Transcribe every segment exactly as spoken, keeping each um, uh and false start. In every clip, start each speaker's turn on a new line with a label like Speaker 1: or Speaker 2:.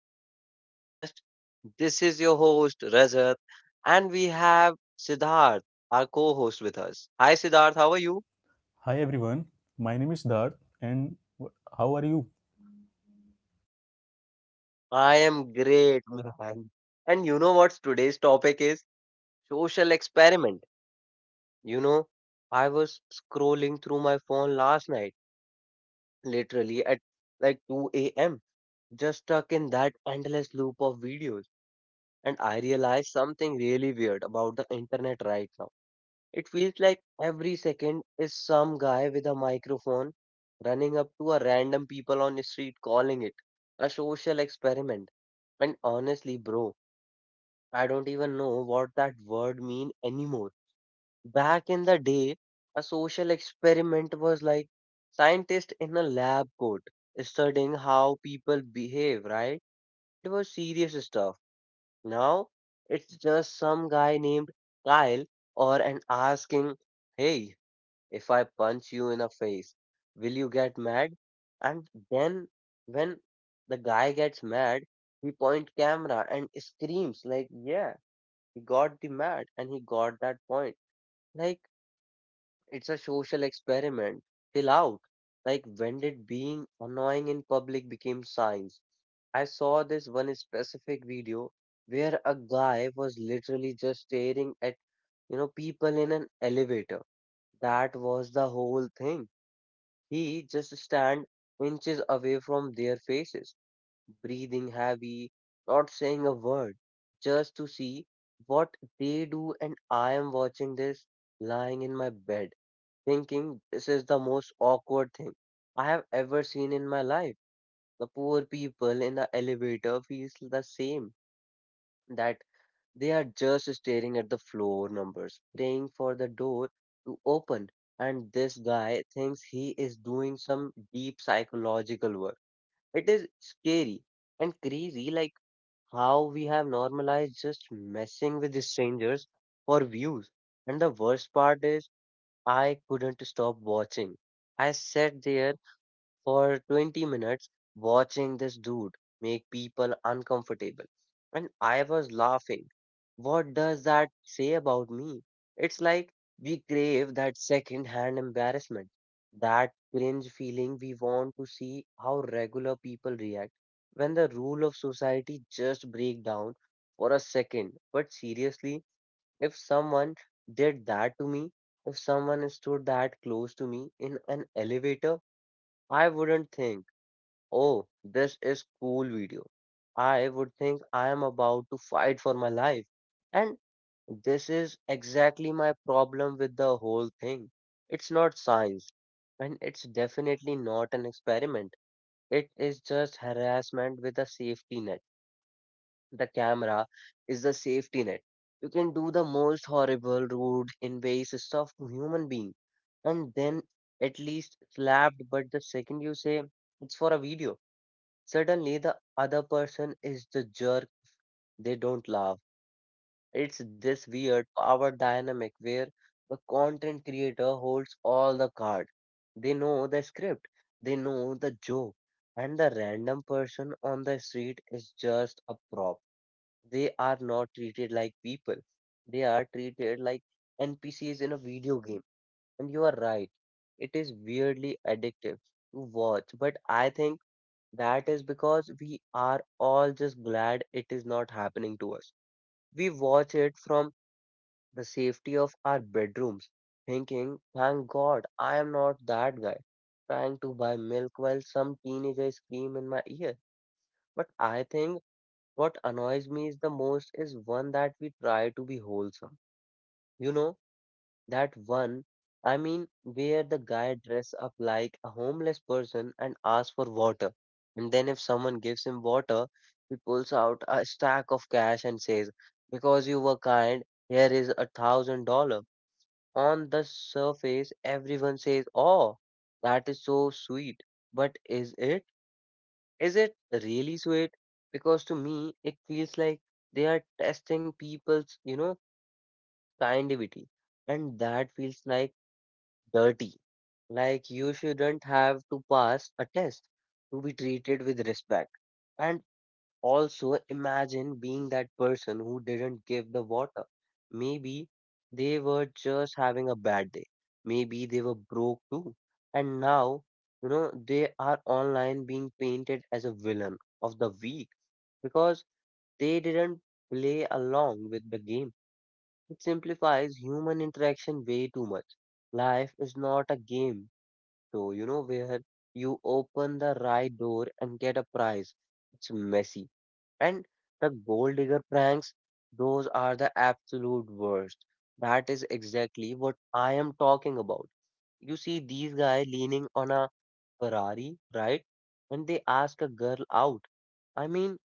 Speaker 1: another podcast. This is your host, Rajat, and we have Siddharth, our co host, with us. Hi, Siddharth. How are you?
Speaker 2: Hi everyone, my name is Darth, and how are you?
Speaker 1: I am great, man. And you know what today's topic is? Social experiment. You know, I was scrolling through my phone last night, literally at like two a m, just stuck in that endless loop of videos. And I realized something really weird about the internet right now. It feels like every second is some guy with a microphone running up to a random people on the street calling it a social experiment. And honestly, bro, I don't even know what that word mean anymore. Back in the day, a social experiment was like scientist in a lab coat studying how people behave, right? It was serious stuff. Now it's just some guy named Kyle or an asking, "Hey, if I punch you in the face, will you get mad? And then when the guy gets mad, he point camera and screams like, yeah, he got the mad and he got that point. Like it's a social experiment. Chill out. Like when did being annoying in public became science? I saw this one specific video where a guy was literally just staring at you know people in an elevator. That was the whole thing. He just stand inches away from their faces, breathing heavy, not saying a word, just to see what they do. And I am watching this lying in my bed, thinking this is the most awkward thing I have ever seen in my life. The poor people in the elevator feels the same, that they are just staring at the floor numbers, praying for the door to open. And this guy thinks he is doing some deep psychological work. It is scary and crazy, like how we have normalized just messing with the strangers for views. And the worst part is, I couldn't stop watching. I sat there for twenty minutes watching this dude make people uncomfortable. And I was laughing. What does that say about me? It's like we crave that second hand embarrassment, that cringe feeling. We want to see how regular people react when the rule of society just break down for a second. But seriously, if someone did that to me, if someone stood that close to me in an elevator, I wouldn't think, oh, this is cool video. I would think I am about to fight for my life. And this is exactly my problem with the whole thing. It's not science, and it's definitely not an experiment. It is just harassment with a safety net. The camera is the safety net. You can do the most horrible, rude, invasive stuff to human being, and then at least slapped. But the second you say it's for a video, suddenly, the other person is the jerk, they don't laugh. It's this weird power dynamic where the content creator holds all the cards. They know the script, they know the joke, and the random person on the street is just a prop. They are not treated like people, they are treated like N P Cs in a video game. And you are right, it is weirdly addictive to watch, but I think that is because we are all just glad it is not happening to us. We watch it from the safety of our bedrooms, thinking, thank God I am not that guy trying to buy milk while some teenager scream in my ear. But I think what annoys me is the most is one that we try to be wholesome. You know, that one, I mean, where the guy dress up like a homeless person and asks for water. And then if someone gives him water, he pulls out a stack of cash and says, "Because you were kind, here is a thousand dollar." On the surface, everyone says, oh, that is so sweet. But is it? Is it really sweet? Because to me, it feels like they are testing people's, you know, kindivity. And that feels like dirty, like you shouldn't have to pass a test to be treated with respect. And also imagine being that person who didn't give the water. Maybe they were just having a bad day. Maybe they were broke too. And now, you know, they are online being painted as a villain of the week because they didn't play along with the game. It simplifies human interaction way too much. Life is not a game so you know, where you open the right door and get a prize. It's messy. And the gold digger pranks, those are the absolute worst. That is exactly what I am talking about. You see these guys leaning on a Ferrari, right? When they ask a girl out. I mean,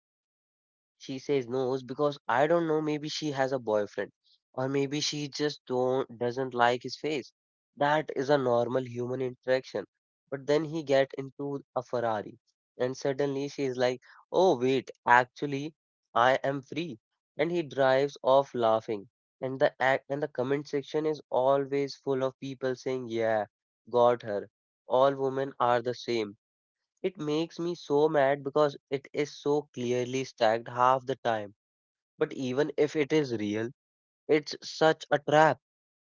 Speaker 1: she says no because I don't know, maybe she has a boyfriend or maybe she just don't doesn't like his face. That is a normal human interaction. But then he get into a Ferrari and suddenly she is like, "Oh wait, actually I am free." And he drives off laughing. And the act and the comment section is always full of people saying, "Yeah, got her. All women are the same." It makes me so mad because it is so clearly stacked half the time. But even if it is real, it's such a trap.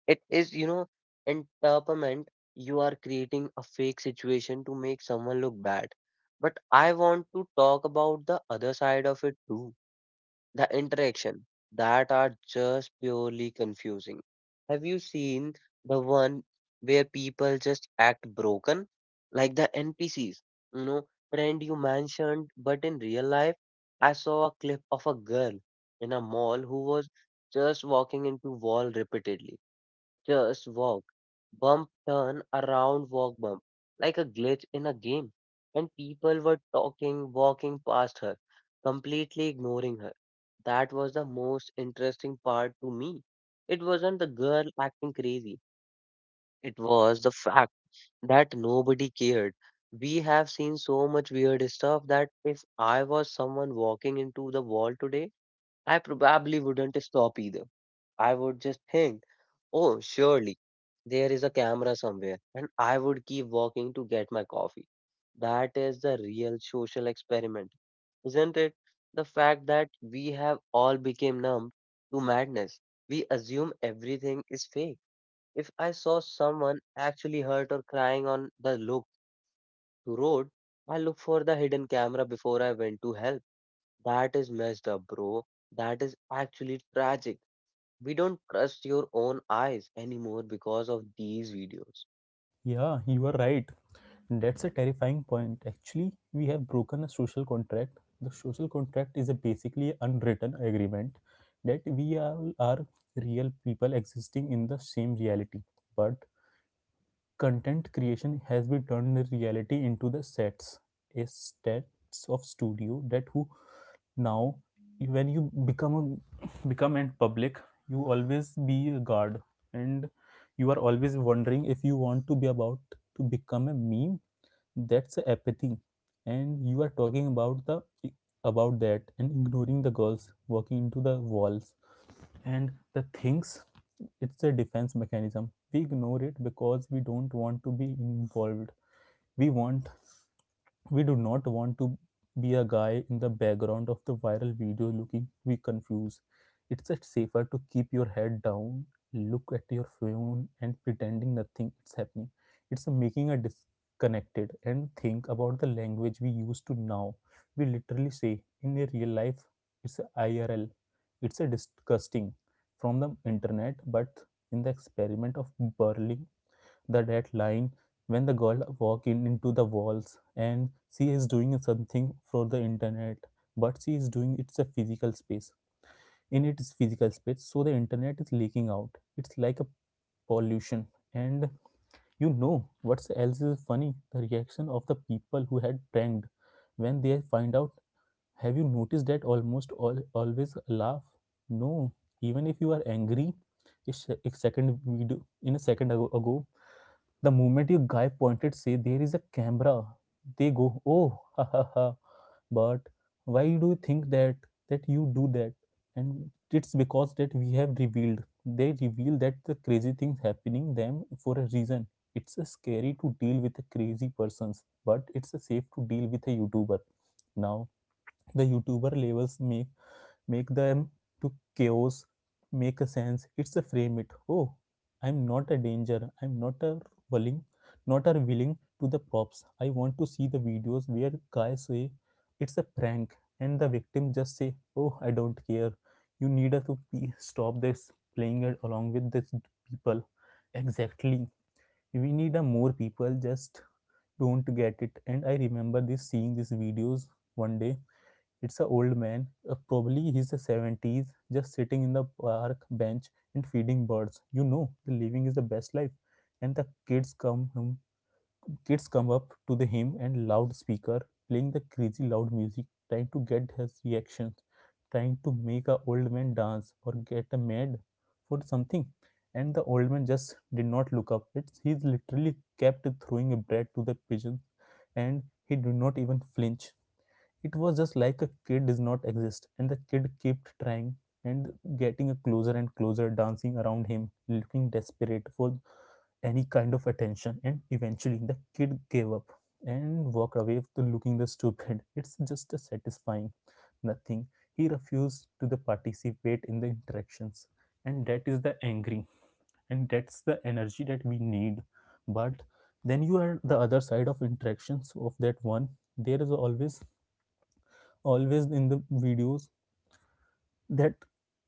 Speaker 1: It is, you know, entrapment. You are creating a fake situation to make someone look bad. But I want to talk about the other side of it too, the interaction that are just purely confusing. Have you seen the one where people just act broken, like the N P Cs? You know, friend you mentioned, but in real life, I saw a clip of a girl in a mall who was just walking into wall repeatedly. Just walk. Bump, turn, around, walk, bump. Like a glitch in a game. And people were talking, walking past her, completely ignoring her. That was the most interesting part to me. It wasn't the girl acting crazy, it was the fact that nobody cared. We have seen so much weird stuff that if I was someone walking into the wall today, I probably wouldn't stop either. I would just think, oh, surely there is a camera somewhere, and I would keep walking to get my coffee. That is the real social experiment, isn't it? The fact that we have all become numb to madness. We assume everything is fake. If I saw someone actually hurt or crying on the look to road, I look for the hidden camera before I went to help. That is messed up, bro. That is actually tragic. We don't trust your own eyes anymore because of these videos.
Speaker 2: Yeah, you are right. That's a terrifying point. Actually, we have broken a social contract. The social contract is a basically unwritten agreement that we all are real people existing in the same reality. But content creation has been turned the reality into the sets, a sets of studio that who now when you become a become and public you always be a guard, and you are always wondering if you want to be about to become a meme. That's apathy, and you are talking about the about that and ignoring the girls walking into the walls and the things. It's a defense mechanism, we ignore it because we don't want to be involved. we want we do not want to be a guy in the background of the viral video looking we confused. It's just safer to keep your head down, look at your phone and pretending nothing is happening. It's making a disconnected, and think about the language we use to now. We literally say in a real life it's a I R L. It's a disgusting from the internet, but in the experiment of burling the dead line, when the girl walk in into the walls and she is doing something for the internet, but she is doing it's a physical space in its physical space so the internet is leaking out. It's like a pollution. And you know what else is funny, the reaction of the people who had pranked when they find out. Have you noticed that almost all always laugh? No, even if you are angry a, a second video in a second ago, ago the moment your guy pointed, say there is a camera, they go, oh, ha ha ha. But why do you think that that you do that? And it's because that we have revealed. They reveal that the crazy things happening them for a reason. It's a scary to deal with the crazy persons, but it's a safe to deal with a YouTuber. Now the YouTuber labels me, make them to chaos, make a sense, it's a frame it, oh, I'm not a danger, I'm not a willing, not a willing to the props. I want to see the videos where guys say it's a prank and the victim just say, oh, I don't care, you need to stop this, playing it along with this people. Exactly, we need a more people just don't get it. And I remember this seeing these videos one day. It's an old man, uh, probably he's the seventies, just sitting in the park bench and feeding birds. You know, the living is the best life. And the kids come him, kids come up to the him and loudspeaker playing the crazy loud music, trying to get his reactions, trying to make a old man dance or get a mad for something. And the old man just did not look up. It's he's literally kept throwing a bread to the pigeons, and he did not even flinch. It was just like a kid does not exist, and the kid kept trying and getting closer and closer, dancing around him, looking desperate for any kind of attention. And eventually the kid gave up and walked away looking the stupid. It's just a satisfying nothing. He refused to the participate in the interactions, and that is the angry, and that's the energy that we need. But then you are the other side of interactions of that one. There is always always in the videos that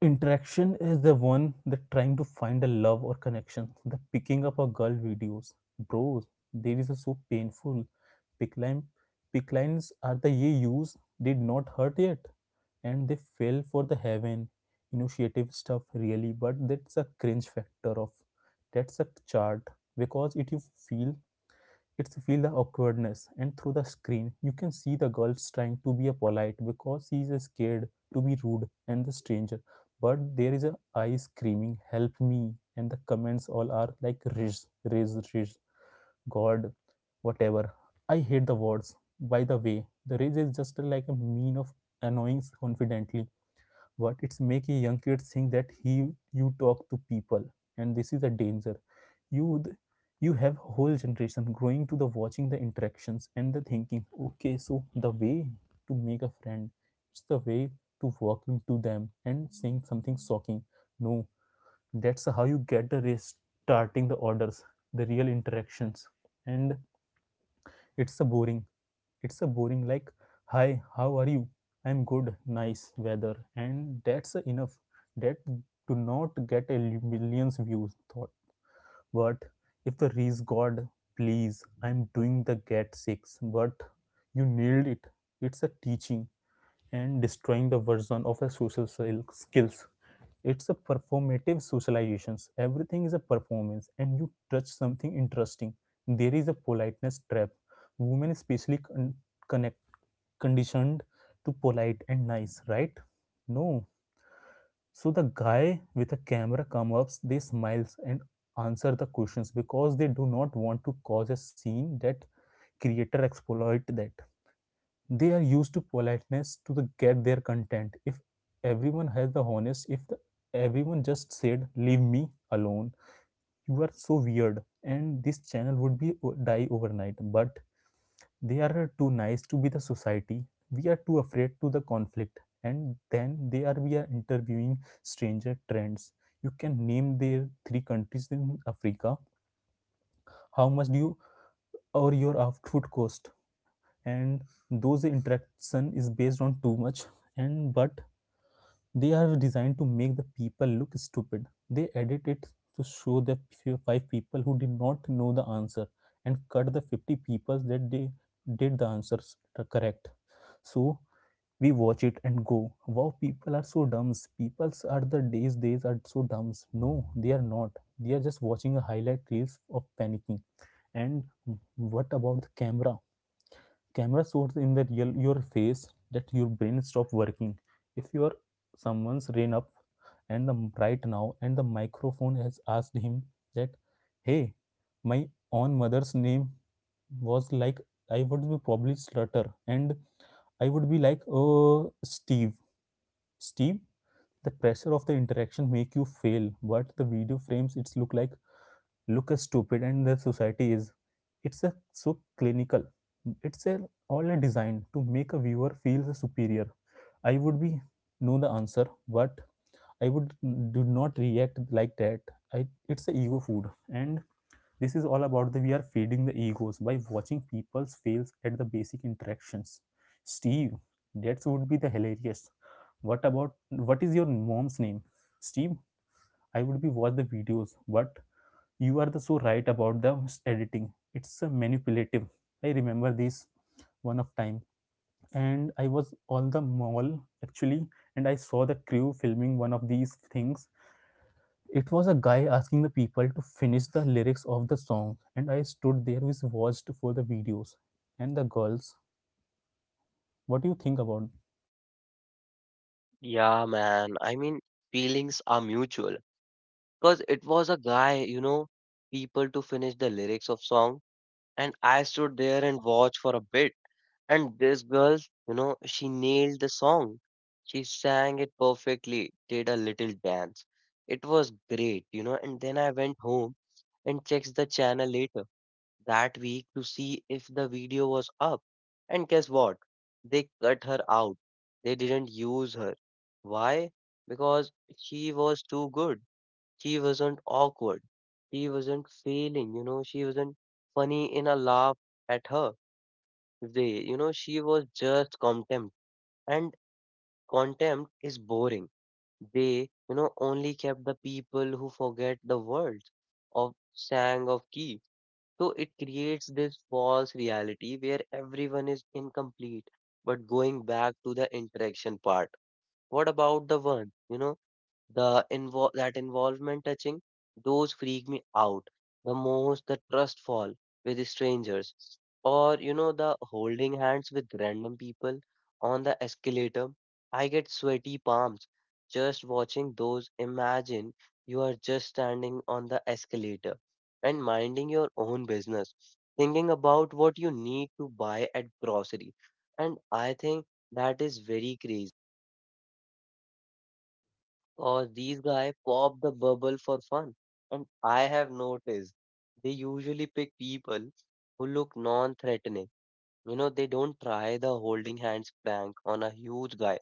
Speaker 2: interaction is the one that trying to find a love or connection, the picking up a girl videos, bro. There is a so painful pick line. Pick lines are the ye use did not hurt yet, and they fell for the heaven initiative stuff really. But that's a cringe factor of, that's a chart because it you feel, it's feel the awkwardness, and through the screen, you can see the girls trying to be a polite because she is scared to be rude and the stranger. But there is a eye screaming, "Help me!" and the comments all are like, "Riz, Riz, Riz, God, whatever." I hate the words. By the way, the Riz is just like a mean of annoying confidently, but it's make a young kid think that he you talk to people, and this is a danger. you th- you have whole generation growing to the watching the interactions and the thinking, okay, so the way to make a friend, it's the way to walking to them and saying something shocking. No, that's how you get the rest starting the orders the real interactions. And it's a boring, it's a boring like, hi, how are you, I'm good, nice weather, and that's enough. That do not get a millions views thought. But if the reese god, please, I'm doing the get six, but you nailed it. It's a teaching and destroying the version of a social skills. It's a performative socializations. Everything is a performance, and you touch something interesting. There is a politeness trap. Women especially con- connect conditioned to polite and nice, right? No, so the guy with a camera comes up, they smiles and answer the questions because they do not want to cause a scene, that creator exploit that. They are used to politeness to the get their content. If everyone has the honest, if the, everyone just said leave me alone, you are so weird, and this channel would be uh, die overnight. But they are too nice to be the society, we are too afraid to the conflict, and then they are we are interviewing stranger trends. You can name their three countries in africa, how much do you or your of food cost, and those interaction is based on too much. And but they are designed to make the people look stupid, they edit it to show the five people who did not know the answer and cut the fifty people that they did the answers correct. So we watch it and go, wow, people are so dumb. People's are the days days are so dumb. No, they are not. They are just watching a highlight reels of panicking. And what about the camera camera shows in the real your face that your brain stop working. If your someone's rain up, and the right now, and the microphone has asked him that, hey, my own mother's name was, like, I would be probably stutter, and I would be like, oh, steve Steve. The pressure of the interaction make you fail, but the video frames it's look like look as stupid, and the society is, it's a so clinical. It's a all a design to make a viewer feel superior. I would be know the answer, but I would do not react like that. I, it's a ego food, and this is all about the we are feeding the egos by watching people's fails at the basic interactions. Steve, that would be the hilarious. What about, what is your mom's name? Steve. I would be watch the videos, but you are the so right about the editing. It's a manipulative. I remember this one of time, and I was on the mall actually, and I saw the crew filming one of these things. It was a guy asking the people to finish the lyrics of the song, and I stood there with watched for the videos and the girls. What do you think about?
Speaker 1: Yeah, man. I mean, feelings are mutual. Because it was a guy, you know, people to finish the lyrics of song. And I stood there and watched for a bit. And this girl, you know, she nailed the song. She sang it perfectly, did a little dance. It was great, you know. And then I went home and checked the channel later, that week to see if the video was up. And guess what? They cut her out. They didn't use her. Why? Because she was too good. She wasn't awkward. She wasn't failing, you know, she wasn't funny in a laugh at her. They, you know, she was just contempt. And contempt is boring. They, you know, only kept the people who forget the words of sang of key, so it creates this false reality where everyone is incomplete. But going back to the interaction part, what about the one, you know, the involve that involvement touching? Those freak me out the most, the trust fall with strangers or you know the holding hands with random people on the escalator. I get sweaty palms just watching those. Imagine you are just standing on the escalator and minding your own business, thinking about what you need to buy at grocery. And I think that is very crazy, or these guy pop the bubble for fun. And I have noticed they usually pick people who look non-threatening. You know, they don't try the holding hands prank on a huge guy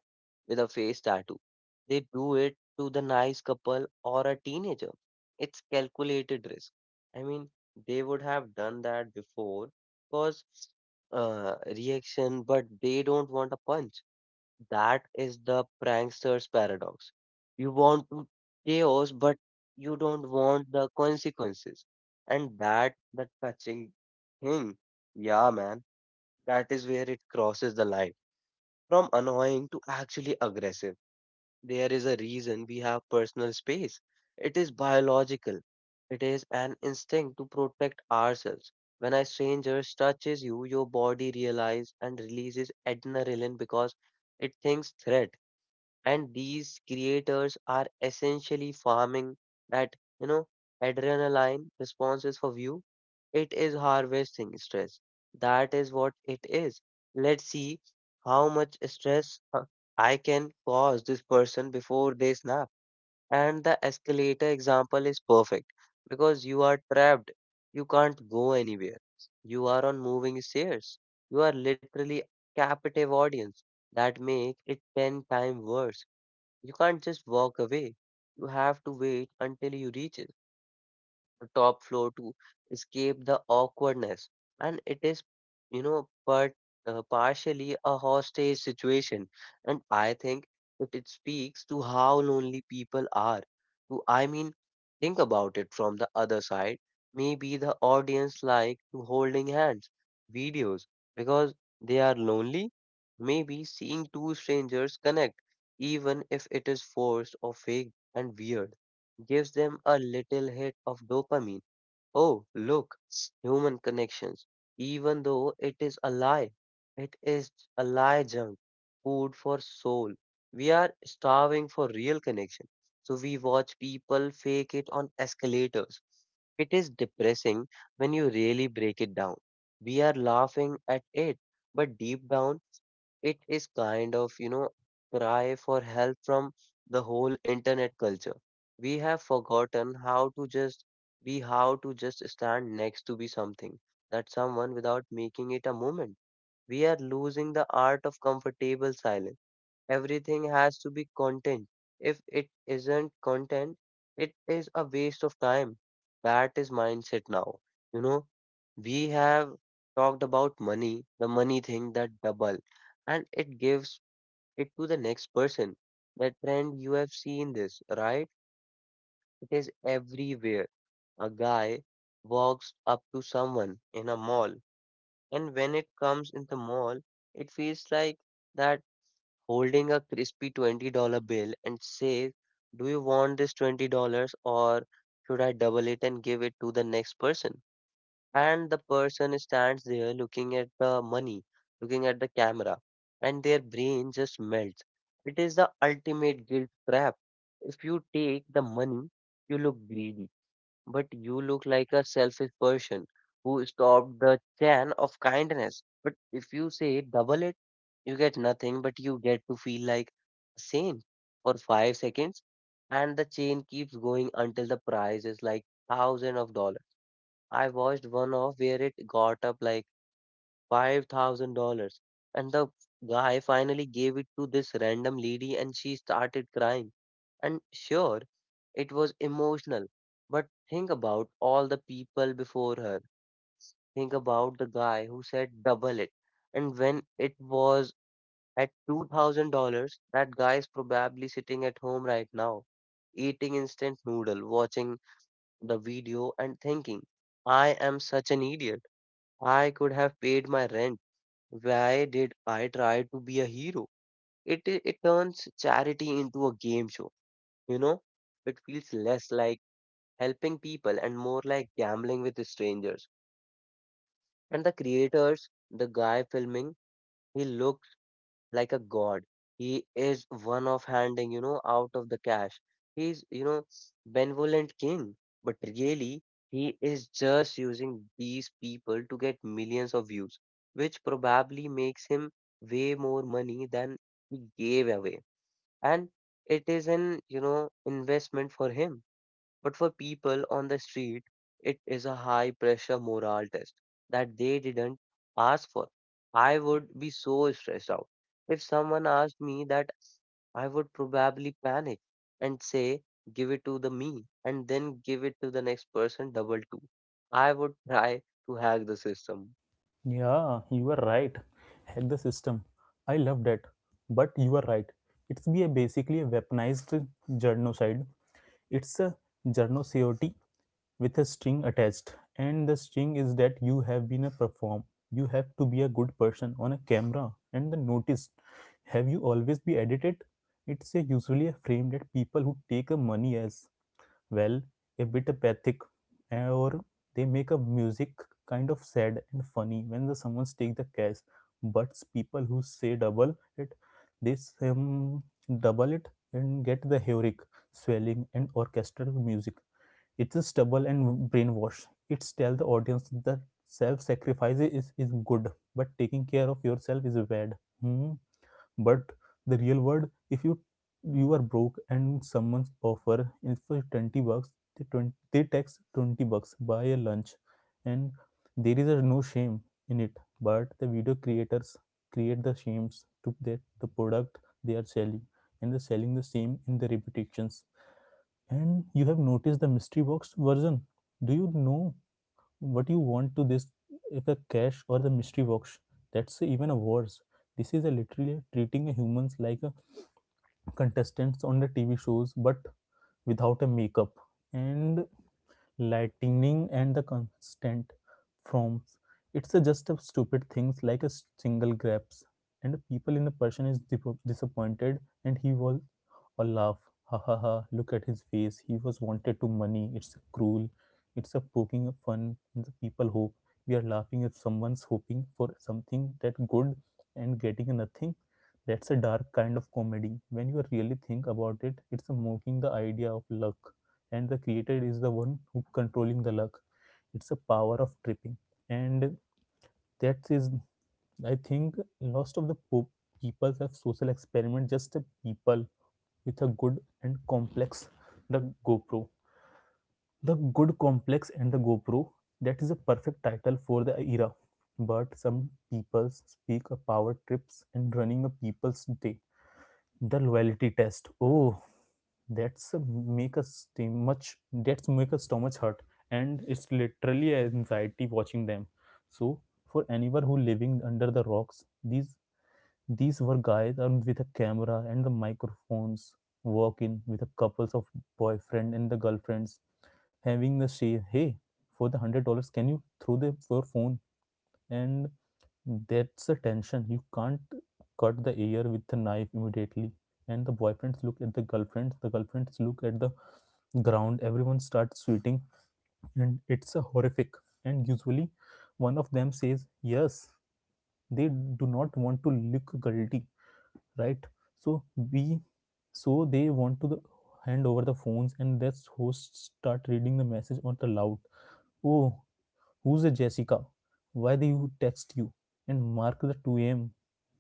Speaker 1: with a face tattoo. They do it to the nice couple or a teenager. It's calculated risk. I mean, they would have done that before because uh, reaction, but they don't want a punch. That is the prankster's paradox. You want to chaos, but you don't want the consequences. And that the touching thing. Yeah, man, that is where it crosses the line from annoying to actually aggressive. There is a reason we have personal space. It is biological. It is an instinct to protect ourselves. When a stranger touches you, your body realizes and releases adrenaline because it thinks threat, and these creators are essentially farming that you know adrenaline responses for view. It is harvesting stress. That is what it is. Let's see how much stress uh, I can cause this person before they snap. And the escalator example is perfect because you are trapped, you can't go anywhere, you are on moving stairs, you are literally captive audience. That make it ten times worse. You can't just walk away. You have to wait until you reach it top floor to escape the awkwardness. And it is, you know, but uh, partially a hostage situation. And I think that it speaks to how lonely people are. To, I mean, think about it from the other side. Maybe the audience like to holding hands videos because they are lonely. Maybe seeing two strangers connect, even if it is forced or fake and weird, gives them a little hit of dopamine. Oh, look, human connections. Even though it is a lie, it is a lie junk, food for soul. We are starving for real connection. So we watch people fake it on escalators. It is depressing when you really break it down. We are laughing at it, but deep down, it is kind of, you know, cry for help from the whole internet culture. We have forgotten how to just be, how to just stand next to be something that someone without making it a moment. We are losing the art of comfortable silence. Everything has to be content. If it isn't content, it is a waste of time. That is mindset now. You know, we have talked about money, the money thing that double, and it gives it to the next person. That trend you have seen this, right? It is everywhere. A guy walks up to someone in a mall, and when it comes in the mall, it feels like that holding a crispy twenty dollars bill and says, "Do you want this twenty dollars, or should I double it and give it to the next person?" And the person stands there looking at the money, looking at the camera, and their brain just melts. It is the ultimate guilt trap. If you take the money, you look greedy. But you look like a selfish person who stopped the chain of kindness. But if you say double it, you get nothing, but you get to feel like a saint for five seconds, and the chain keeps going until the price is like thousand of dollars. I watched one off where it got up like five thousand dollars. And the guy finally gave it to this random lady, and she started crying. And sure, it was emotional. But think about all the people before her. Think about the guy who said double it. And when it was at two thousand dollars that guy is probably sitting at home right now, eating instant noodle, watching the video, and thinking, "I am such an idiot. I could have paid my rent. Why did I try to be a hero?" It i- it turns charity into a game show, you know? It feels less like helping people and more like gambling with strangers. And the creators, the guy filming, he looked like a god. He is one of handing, you know, out of the cash. He's, you know, benevolent king, but really he is just using these people to get millions of views, which probably makes him way more money than he gave away. And it is an, you know, investment for him. But for people on the street, it is a high pressure moral test that they didn't ask for. I would be so stressed out. If someone asked me that, I would probably panic and say, give it to the me and then give it to the next person double two. I would try to hack the system.
Speaker 2: Yeah, you were right. Hack the system. I love that. But you are right. It's be a basically a weaponized genocide. It's a journal cot with a string attached, and the string is that you have been a perform, you have to be a good person on a camera, and the notice, have you always be edited, it's a usually a frame that people who take a money as well, a bit apathic, eh, or they make a music kind of sad and funny when the someone's take the cash. But people who say double it, they um, double it and get the heroic swelling and orchestral music. It's a stubble and brainwash. It's tell the audience that self-sacrifice is, is good, but taking care of yourself is bad. Hmm, but the real world, if you you are broke and someone's offer is for twenty bucks, they, twenty, they text twenty bucks buy a lunch, and there is a no shame in it. But the video creators create the shames to that the product they are selling, and they're selling the same in the repetitions. And you have noticed the mystery box version, do you know what you want to this, if a cash or the mystery box. That's even worse. This is a literally treating humans like a contestants on the tv shows, but without a makeup and lightning and the constant forms. It's a just a stupid things like a single grabs, and people in the person is disappointed, and he will or laugh. Ha ha ha! Look at his face. He was wanted to money. It's cruel. It's a poking of fun. The people hope we are laughing at someone's hoping for something that good and getting nothing. That's a dark kind of comedy. When you really think about it, it's mocking the idea of luck, and the creator is the one who controlling the luck. It's a power of tripping, and that is, I think, most of the po- people have social experiment just a people with a good and complex, the GoPro. The good complex and the GoPro, that is a perfect title for the era. But some people speak of power trips and running a people's day, the loyalty test. Oh, that's make us much that's make us stomach hurt, and it's literally anxiety watching them. So for anyone who living under the rocks, these these were guys armed with a camera and the microphones, walk in with a couples of boyfriend and the girlfriends, having the say, hey, for the hundred dollars can you throw the your phone? And that's a tension, you can't cut the air with the knife immediately. And the boyfriends look at the girlfriends, the girlfriends look at the ground, everyone starts sweating, and it's a horrific. And usually one of them says yes, they do not want to look guilty, right? So we so they want to the, hand over the phones, and that's hosts start reading the message on the loud. Oh, who's a Jessica? Why do you text you? And mark the two a m.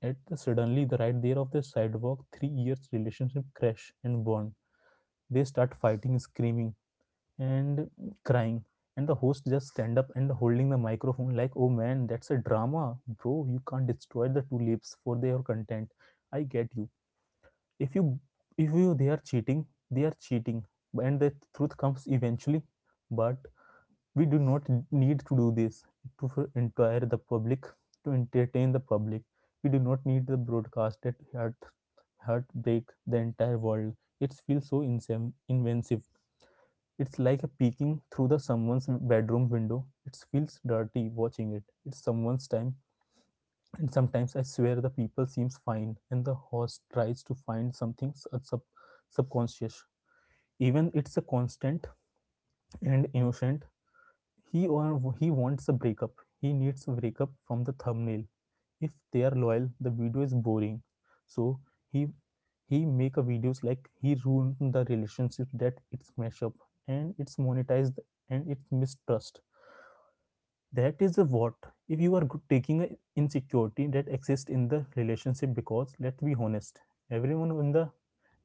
Speaker 2: At the suddenly the right there of the sidewalk, three years relationship crash and burn. They start fighting, screaming, and crying. And the host just stand up and holding the microphone like, oh man, that's a drama. Bro, you can't destroy the two lips for their content. I get you. If you if you they are cheating, they are cheating. And the truth comes eventually. But we do not need to do this to for entire the public, to entertain the public. We do not need the broadcast that heart heartbreak the entire world. It feels so insem- inventive. It's like a peeking through the someone's bedroom window. It feels dirty watching it, it's someone's time. And sometimes I swear the people seems fine and the host tries to find something sub- subconscious, even it's a constant and innocent. He or he wants a breakup. He needs a breakup from the thumbnail. If they are loyal, the video is boring. So he he make a videos like he ruined the relationship, that it's messed up, and it's monetized, and it's mistrust. That is a what if you are taking a insecurity that exists in the relationship, because let's be honest, everyone in the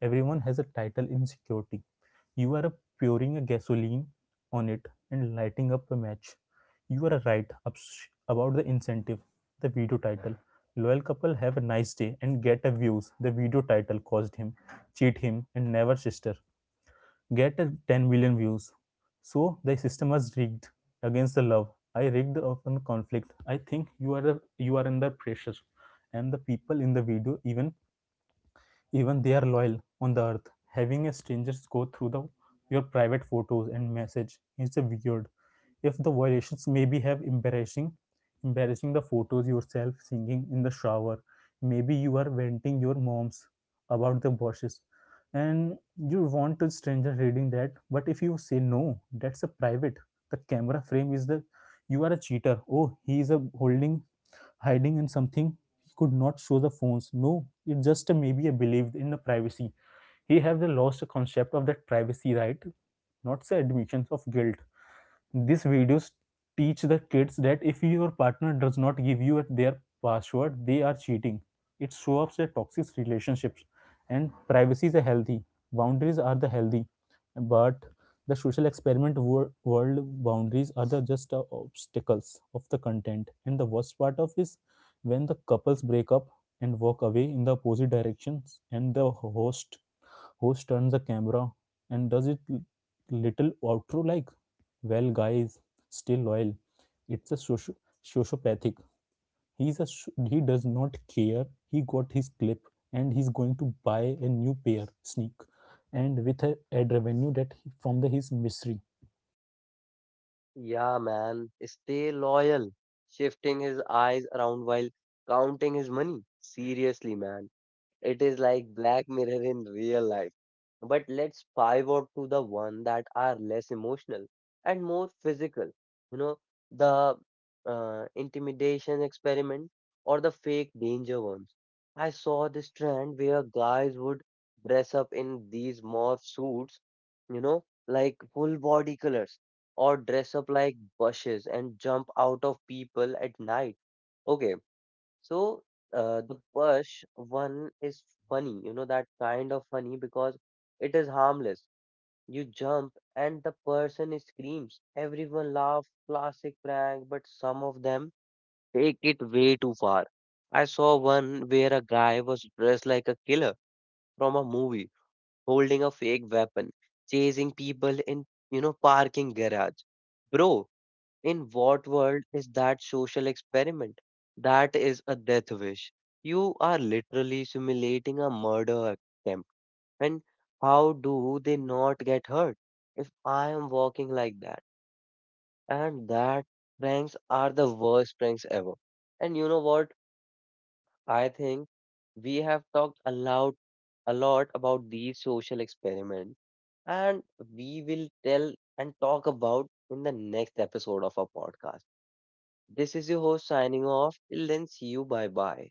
Speaker 2: everyone has a title in security. You are pouring a gasoline on it and lighting up a match. You are right about the incentive, the video title. Loyal couple have a nice day and get a views. The video title caused him, cheat him, and never sister. Get a ten million views. So the system was rigged against the love. I rigged of a conflict. I think you are you are under pressure, and the people in the video even even they are loyal on the earth. Having a stranger go through the, your private photos and message is weird. If the violations maybe have embarrassing, embarrassing the photos yourself singing in the shower. Maybe you are venting your moms about the bosses, and you want a stranger reading that. But if you say no, that's a private. The camera frame is the you are a cheater. Oh, he is a holding hiding in something. He could not show the phones, no, it just maybe a believed in the privacy. He have the lost concept of that privacy, right? Not the admissions of guilt. These videos teach the kids that if your partner does not give you their password, they are cheating. It shows up that toxic relationships and privacy is a healthy. Boundaries are the healthy, but the social experiment wor- world boundaries are the just uh, obstacles of the content. And the worst part of is when the couples break up and walk away in the opposite directions, and the host Host turns the camera and does it l- little outro like, well, guys, still loyal. It's a socio- sociopathic. He's a sh- he does not care. He got his clip and he's going to buy a new pair sneak and with a ad revenue that he, from the his mystery.
Speaker 1: Yeah, man, stay loyal. Shifting his eyes around while counting his money. Seriously, man. It is like Black Mirror in real life. But let's pivot to the one that are less emotional and more physical. You know, the uh, intimidation experiment or the fake danger ones. I saw this trend where guys would dress up in these morph suits, you know, like full body colors, or dress up like bushes and jump out of people at night. Okay, so uh, the first one is funny, you know, that kind of funny because it is harmless. You jump and the person screams. Everyone laughs, classic prank, but some of them take it way too far. I saw one where a guy was dressed like a killer from a movie, holding a fake weapon, chasing people in, you know, parking garage. Bro, in what world is that social experiment? That is a death wish. You are literally simulating a murder attempt. And how do they not get hurt? If I am walking like that, and that pranks are the worst pranks ever. And you know what? I think we have talked a lot, a lot about these social experiments, and we will tell and talk about in the next episode of our podcast. This is your host signing off. Till then, see you. Bye bye.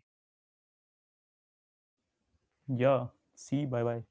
Speaker 2: Yeah. See. Bye bye.